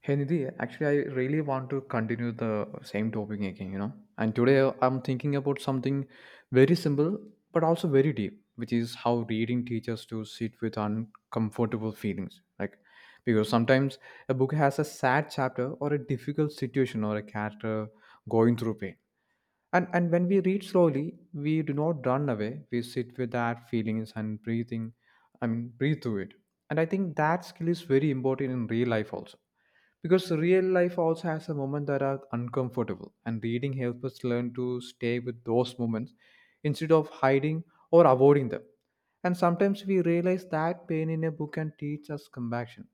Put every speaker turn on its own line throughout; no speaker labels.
Hey Nidhi, actually, I really want to continue the same topic again, you know. And today I'm thinking about something very simple but also very deep, which is how reading teaches to sit with uncomfortable feelings. Like, because sometimes a book has a sad chapter or a difficult situation or a character going through pain. And when we read slowly, we do not run away. We sit with that feelings and breathing, I mean, breathe through it. And I think that skill is very important in real life also. Because real life also has a moment that are uncomfortable. And reading helps us learn to stay with those moments instead of hiding or avoiding them. And sometimes we realize that pain in a book can teach us compassion.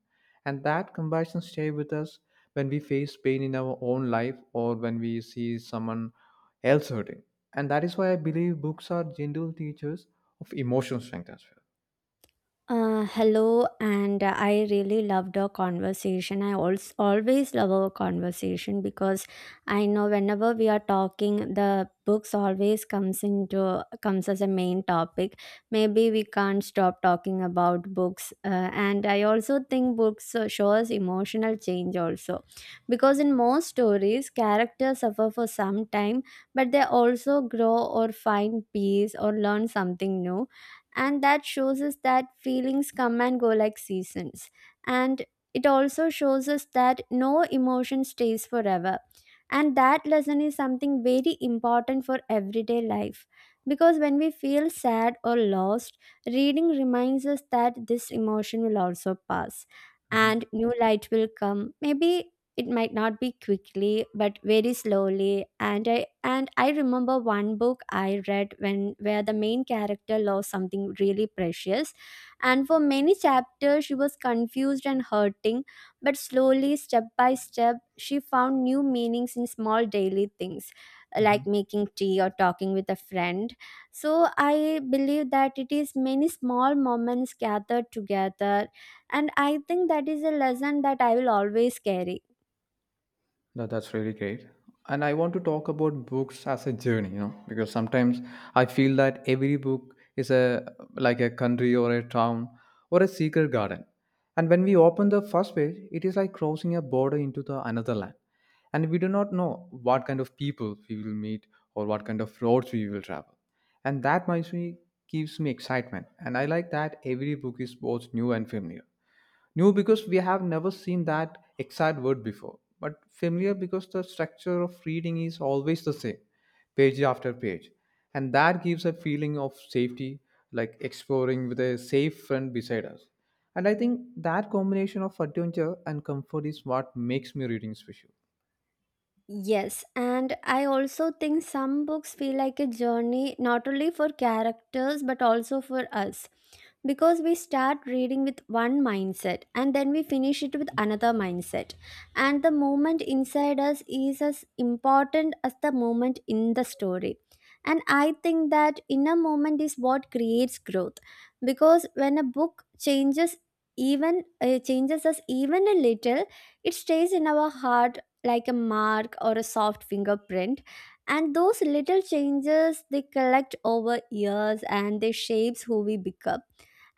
And that compassion stay with us when we face pain in our own life or when we see someone else hurting. And that is why I believe books are gentle teachers of emotional strength as well.
Hello, and I really loved our conversation. I also always love our conversation because I know whenever we are talking, the books always comes as a main topic. Maybe we can't stop talking about books, and I also think books show us emotional change also, because in most stories, characters suffer for some time, but they also grow or find peace or learn something new, and that shows us that feelings come and go like seasons, and it also shows us that no emotion stays forever, and that lesson is something very important for everyday life. Because when we feel sad or lost, reading reminds us that this emotion will also pass
Mhm,
and new light will come maybe. It might not be quickly but very slowly, and I remember one book I read when where the main character lost something really precious, and for many chapters she was confused and hurting, but slowly, step by step, she found new meanings in small daily things,
mhm.
like making tea or talking with a friend. So I believe that it is many small moments gathered together, and I think that is a lesson that I will always carry.
That's really great. And I want to talk about books as a journey, you know, because sometimes I feel that every book is a like a country or a town or a secret garden. And when we open the first page, it is like crossing a border into the another land. And we do not know what kind of people we will meet or what kind of roads we will travel. And that makes me gives me excitement. And I like that every book is both new and familiar. New because we have never seen that exact word before, but familiar because the structure of reading is always the same, page after page. And that gives a feeling of safety, like exploring with a safe friend beside us. And I think that combination of adventure and comfort is what makes me reading special.
Yes, and I also think some books feel like a journey not only for characters but also for us, because we start reading with one mindset and then we finish it with another mindset. And the moment inside us is as important as the moment in the story. And I think that inner moment is what creates growth, because when a book changes, even changes us even a little, it stays in our heart like a mark or a soft fingerprint, and those little changes, they collect over years and they shapes who we become.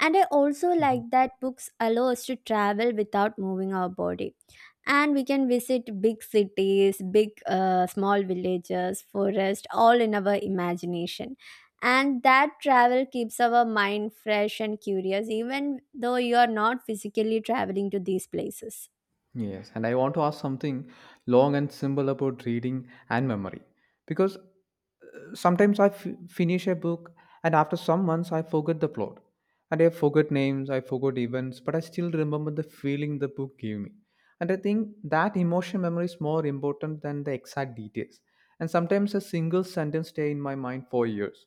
And I also like that books allow us to travel without moving our body, and we can visit big cities, big small villages, forest, all in our imagination, and that travel keeps our mind fresh and curious, even though you are not physically traveling to these places.
Yes, and I want to ask something long and simple about reading and memory because sometimes finish a book and after some months I forget the plot and I forget names, I forgot events, but I still remember the feeling the book gave me. And I think that emotion memory is more important than the exact details. And sometimes a single sentence stay in my mind for years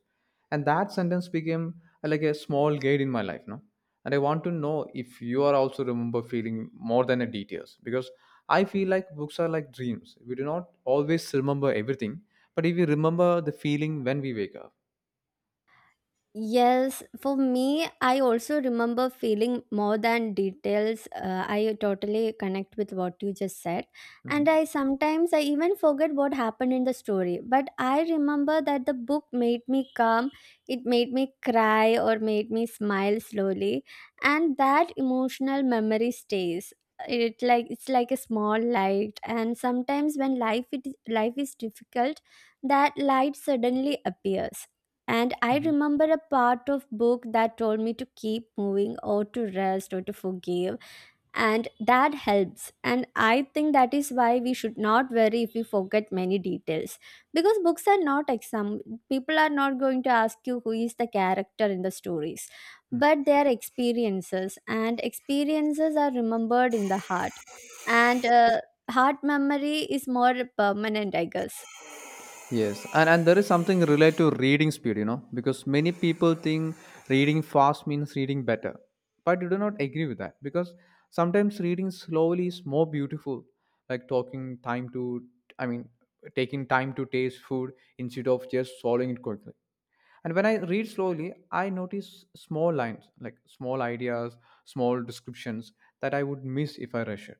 and that sentence became like a small guide in my life, no, and I want to know if you are also remember feeling more than the details because I feel like books are like dreams, we do not always remember everything, but if we remember the feeling when we wake up.
Yes, for me, I also remember feeling more than details. I totally connect with what you just said. And
Mhm.
I sometimes I even forget what happened in the story. But I remember that the book made me calm, it made me cry or made me smile slowly. And that emotional memory stays. It like it's like a small light, and sometimes when life is difficult, that light suddenly appears and I remember a part of book that told me to keep moving or to rest or to forgive, and that helps. And I think that is why we should not worry if we forget many details, because books are not exam, people are not going to ask you who is the character in the stories,
Mhm.
but their experiences and experiences are remembered in the heart. And Heart memory is more permanent, I guess.
Yes, and there is something related to reading speed, you know, because many people think reading fast means reading better, but you do not agree with that because sometimes reading slowly is more beautiful, like talking time to, I mean, taking time to taste food instead of just swallowing it quickly. And when I read slowly, I notice small lines, like small ideas, small descriptions that I would miss if I rush it.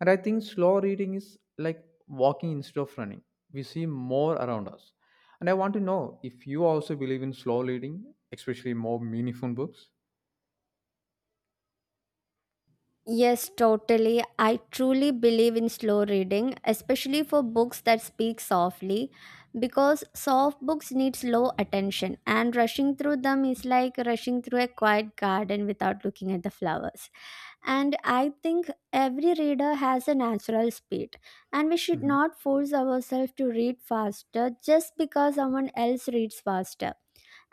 And I think slow reading is like walking instead of running. We see more around us. And I want to know if you also believe in slow reading, especially more meaningful books.
Yes, totally. I truly believe in slow reading, especially for books that speak softly, because soft books need slow attention, and rushing through them is like rushing through a quiet garden without looking at the flowers. And I think every reader has a natural speed, and we should
Mhm.
not force ourselves to read faster just because someone else reads faster.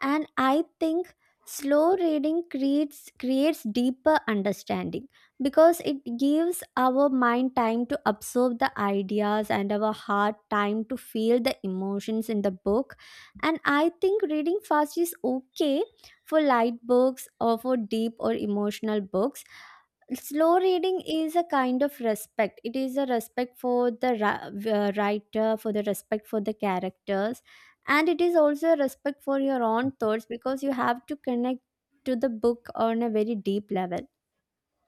And I think slow reading creates deeper understanding, because it gives our mind time to absorb the ideas and our heart time to feel the emotions in the book. And I think reading fast is okay for light books or for deep or emotional books. Slow reading is a kind of respect. It is a respect for the writer, for the respect for the characters, and it is also a respect for your own thoughts, because you have to connect to the book on a very deep level.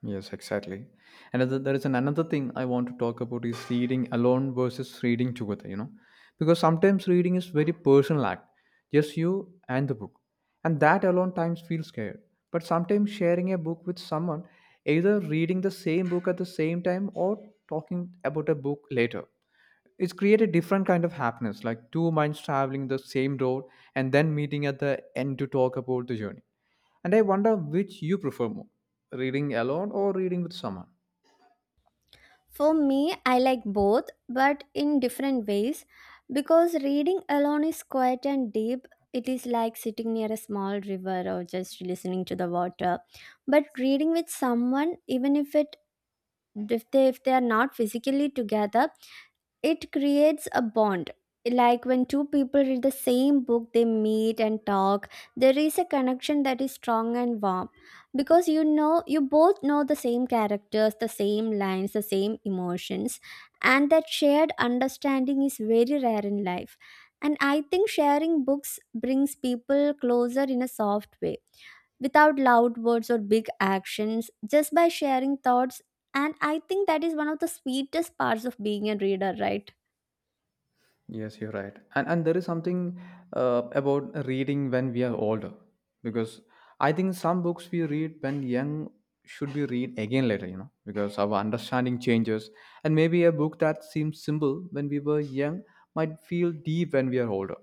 Yes, exactly. And other- there is an another thing I want to talk about is reading alone versus reading together, you know, because sometimes reading is very personal act, just you and the book, and that alone times feels scared. But sometimes sharing a book with someone, either reading the same book at the same time or talking about a book later, it's create a different kind of happiness, like two minds traveling the same road and then meeting at the end to talk about the journey, and I wonder which you prefer more, reading alone or reading with someone.
For me, I like both, but in different ways, because reading alone is quiet and deep. It is like sitting near a small river or just listening to the water. But reading with someone, even if it if they are not physically together, it creates a bond. Like when two people read the same book, they meet and talk, there is a connection that is strong and warm, because you know, you both know the same characters, the same lines, the same emotions, and that shared understanding is very rare in life. And I think sharing books brings people closer in a soft way, without loud words or big actions, just by sharing thoughts. And I think that is one of the sweetest parts of being a reader, right?
Yes, you're right. And there is something about reading when we are older because I think some books we read when young should be read again later, you know, because our understanding changes. And maybe a book that seems simple when we were young might feel deep when we are older.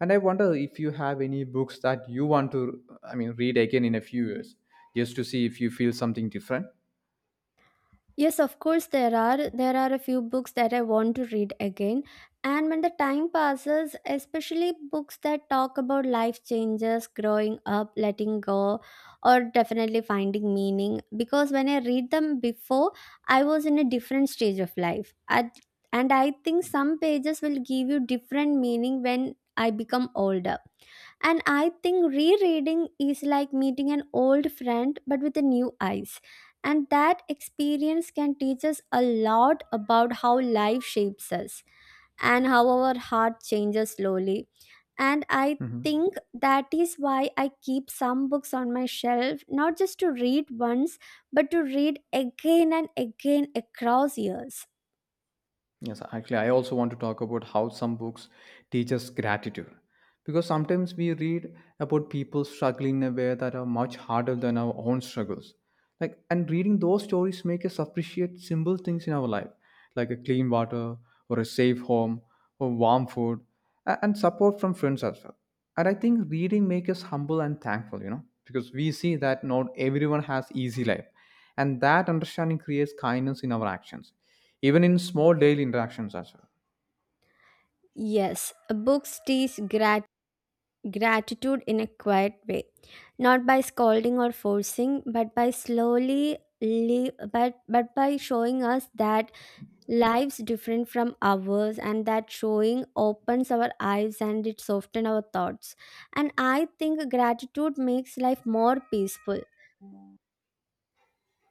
And I wonder if you have any books that you want to, I mean, read again in a few years just to see if you feel something different.
Yes, of course, there are a few books that I want to read again. And when the time passes, especially books that talk about life changes, growing up, letting go, or definitely finding meaning, because when I read them before, I was in a different stage of life. At, and I think some pages will give you different meaning when I become older. And I think rereading is like meeting an old friend but with a new eyes. And that experience can teach us a lot about how life shapes us and how our heart changes slowly. And I
Mhm.
think that is why I keep some books on my shelf, not just to read once, but to read again and again across years.
Yes, actually, I also want to talk about how some books teach us gratitude. Because sometimes we read about people struggling in a way that are much harder than our own struggles, like, and reading those stories make us appreciate simple things in our life, like a clean water or a safe home or warm food and support from friends as well, and I think reading makes us humble and thankful, you know, because we see that not everyone has easy life, and that understanding creates kindness in our actions, even in small daily interactions as well.
Yes, books teach gratitude in a quiet way, not by scolding or forcing, but by slowly li- but by showing us that lives different from ours, and that showing opens our eyes and it softens our thoughts. And I think gratitude makes life more peaceful,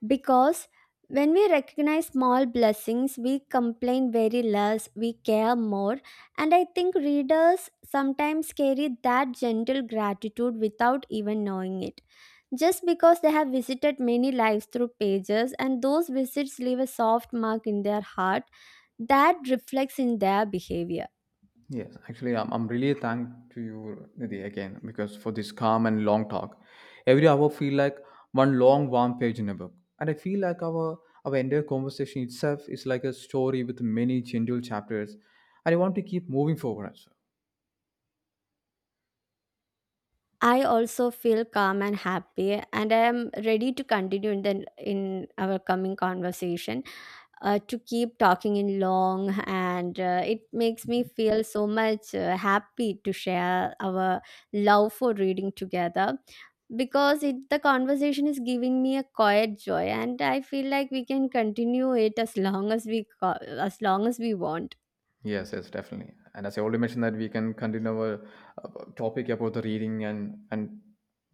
because when we recognize small blessings, we complain very less, we care more. And I think readers sometimes carry that gentle gratitude without even knowing it, just because they have visited many lives through pages, and those visits leave a soft mark in their heart that reflects in their behavior.
Yes, actually, I'm really thanked to you, Nidhi, again, because for this calm and long talk. Every hour feel like one long, warm page in a book. And I feel like our entire conversation itself is like a story with many gentle chapters. And I want to keep moving forward as well.
I also feel calm and happy, and I am ready to continue in our coming conversation to keep talking in long. And it makes me feel so much happy to share our love for reading together, because the conversation is giving me a quiet joy, and I feel like we can continue it as long as as long as we want.
Yes, yes, definitely. And as I already mentioned, that we can continue our topic about the reading and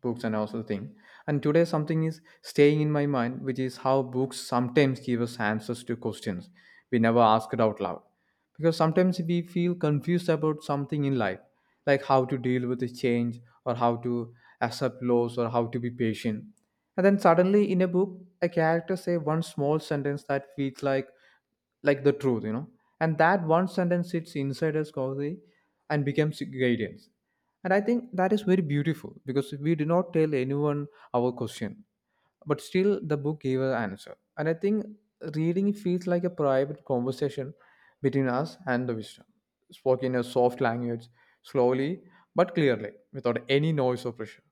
books and also the thing. And today something is staying in my mind, which is how books sometimes give us answers to questions we never asked out loud. Because sometimes we feel confused about something in life, like how to deal with the change or how to accept loss or how to be patient. And then suddenly in a book, a character say one small sentence that feels like the truth, you know. And that one sentence sits inside us causally and becomes guidance. And I think that is very beautiful because we did not tell anyone our question, but still the book gave an answer. And I think reading feels like a private conversation between us and the wisdom, spoken in a soft language, slowly but clearly, without any noise or pressure.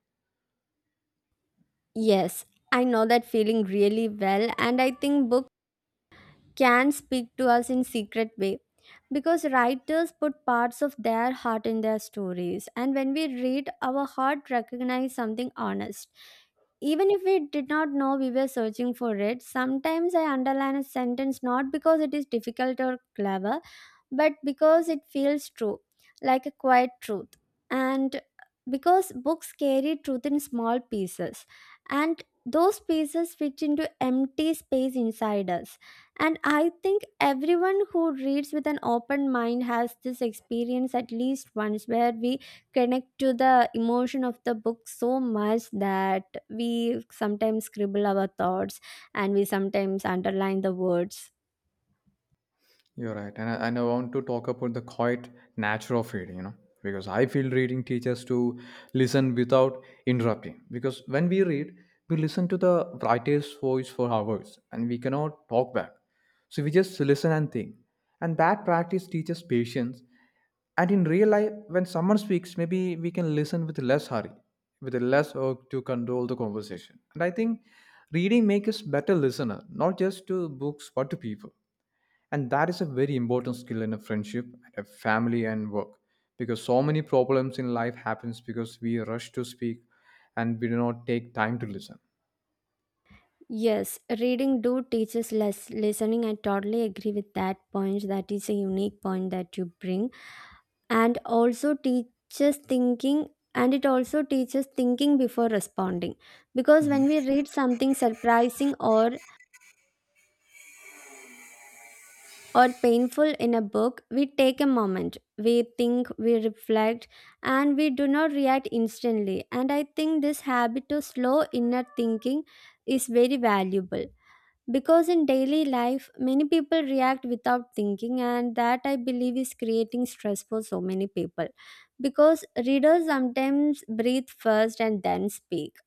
Yes, I know that feeling really well, and I think books can speak to us in secret way, because writers put parts of their heart in their stories, and when we read, our heart recognize something honest, even if we did not know we were searching for it. Sometimes I underline a sentence not because it is difficult or clever, but because it feels true, like a quiet truth. And because books carry truth in small pieces, and those pieces fit into empty space inside us. And I think everyone who reads with an open mind has this experience at least once, where we connect to the emotion of the book so much that we sometimes scribble our thoughts, and we sometimes underline the words.
You're right. And I want to talk about the quiet nature of reading, you know, because I feel reading teaches to listen without interrupting. Because when we read, we listen to the writer's voice for hours and we cannot talk back. So we just listen and think. And that practice teaches patience. And in real life, when someone speaks, maybe we can listen with less hurry, with less work to control the conversation. And I think reading makes us better listener, not just to books, but to people. And that is a very important skill in a friendship, a family and work, because so many problems in life happens because we rush to speak and we do not take time to listen.
Yes, reading do teaches less listening. I totally agree with that point. That is a unique point that you bring, and also teaches thinking. And it also teaches thinking before responding, because when we read something surprising or painful in a book, we take a moment, we think, we reflect, and we do not react instantly. And I think this habit of slow inner thinking is very valuable. Because in daily life, many people react without thinking, and that I believe is creating stress for so many people. Because readers sometimes breathe first and then speak.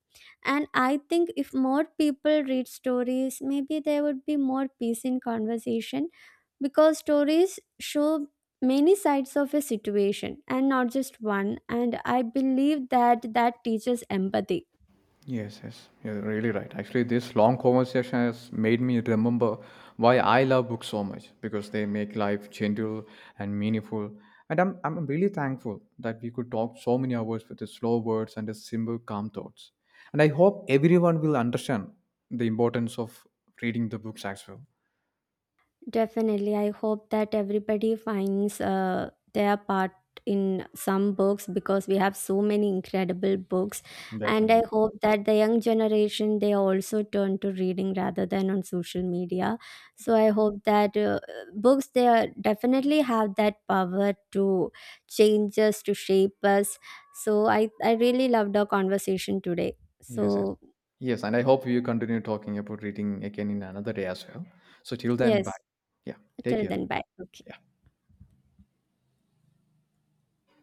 And I think if more people read stories, maybe there would be more peace in conversation, because stories show many sides of a situation and not just one. And I believe that that teaches empathy.
Yes, yes, you're really right. Actually, this long conversation has made me remember why I love books so much because they make life gentle and meaningful. And I'm really thankful that we could talk so many hours with the slow words and the simple, calm thoughts. And I hope everyone will understand the importance of reading the books as well.
Definitely. I hope that everybody finds their part in some books, because we have so many incredible books. And
Definitely.
I hope that the young generation, they also turn to reading rather than on social media. So I hope that books, they are, definitely have that power to change us, to shape us. So I really loved our conversation today.
Yes, yes.
So,
Yes, and I hope you continue talking about reading again in another day as well. So till then,
yes,
bye. Yeah, take
till
care.
then, bye. Okay.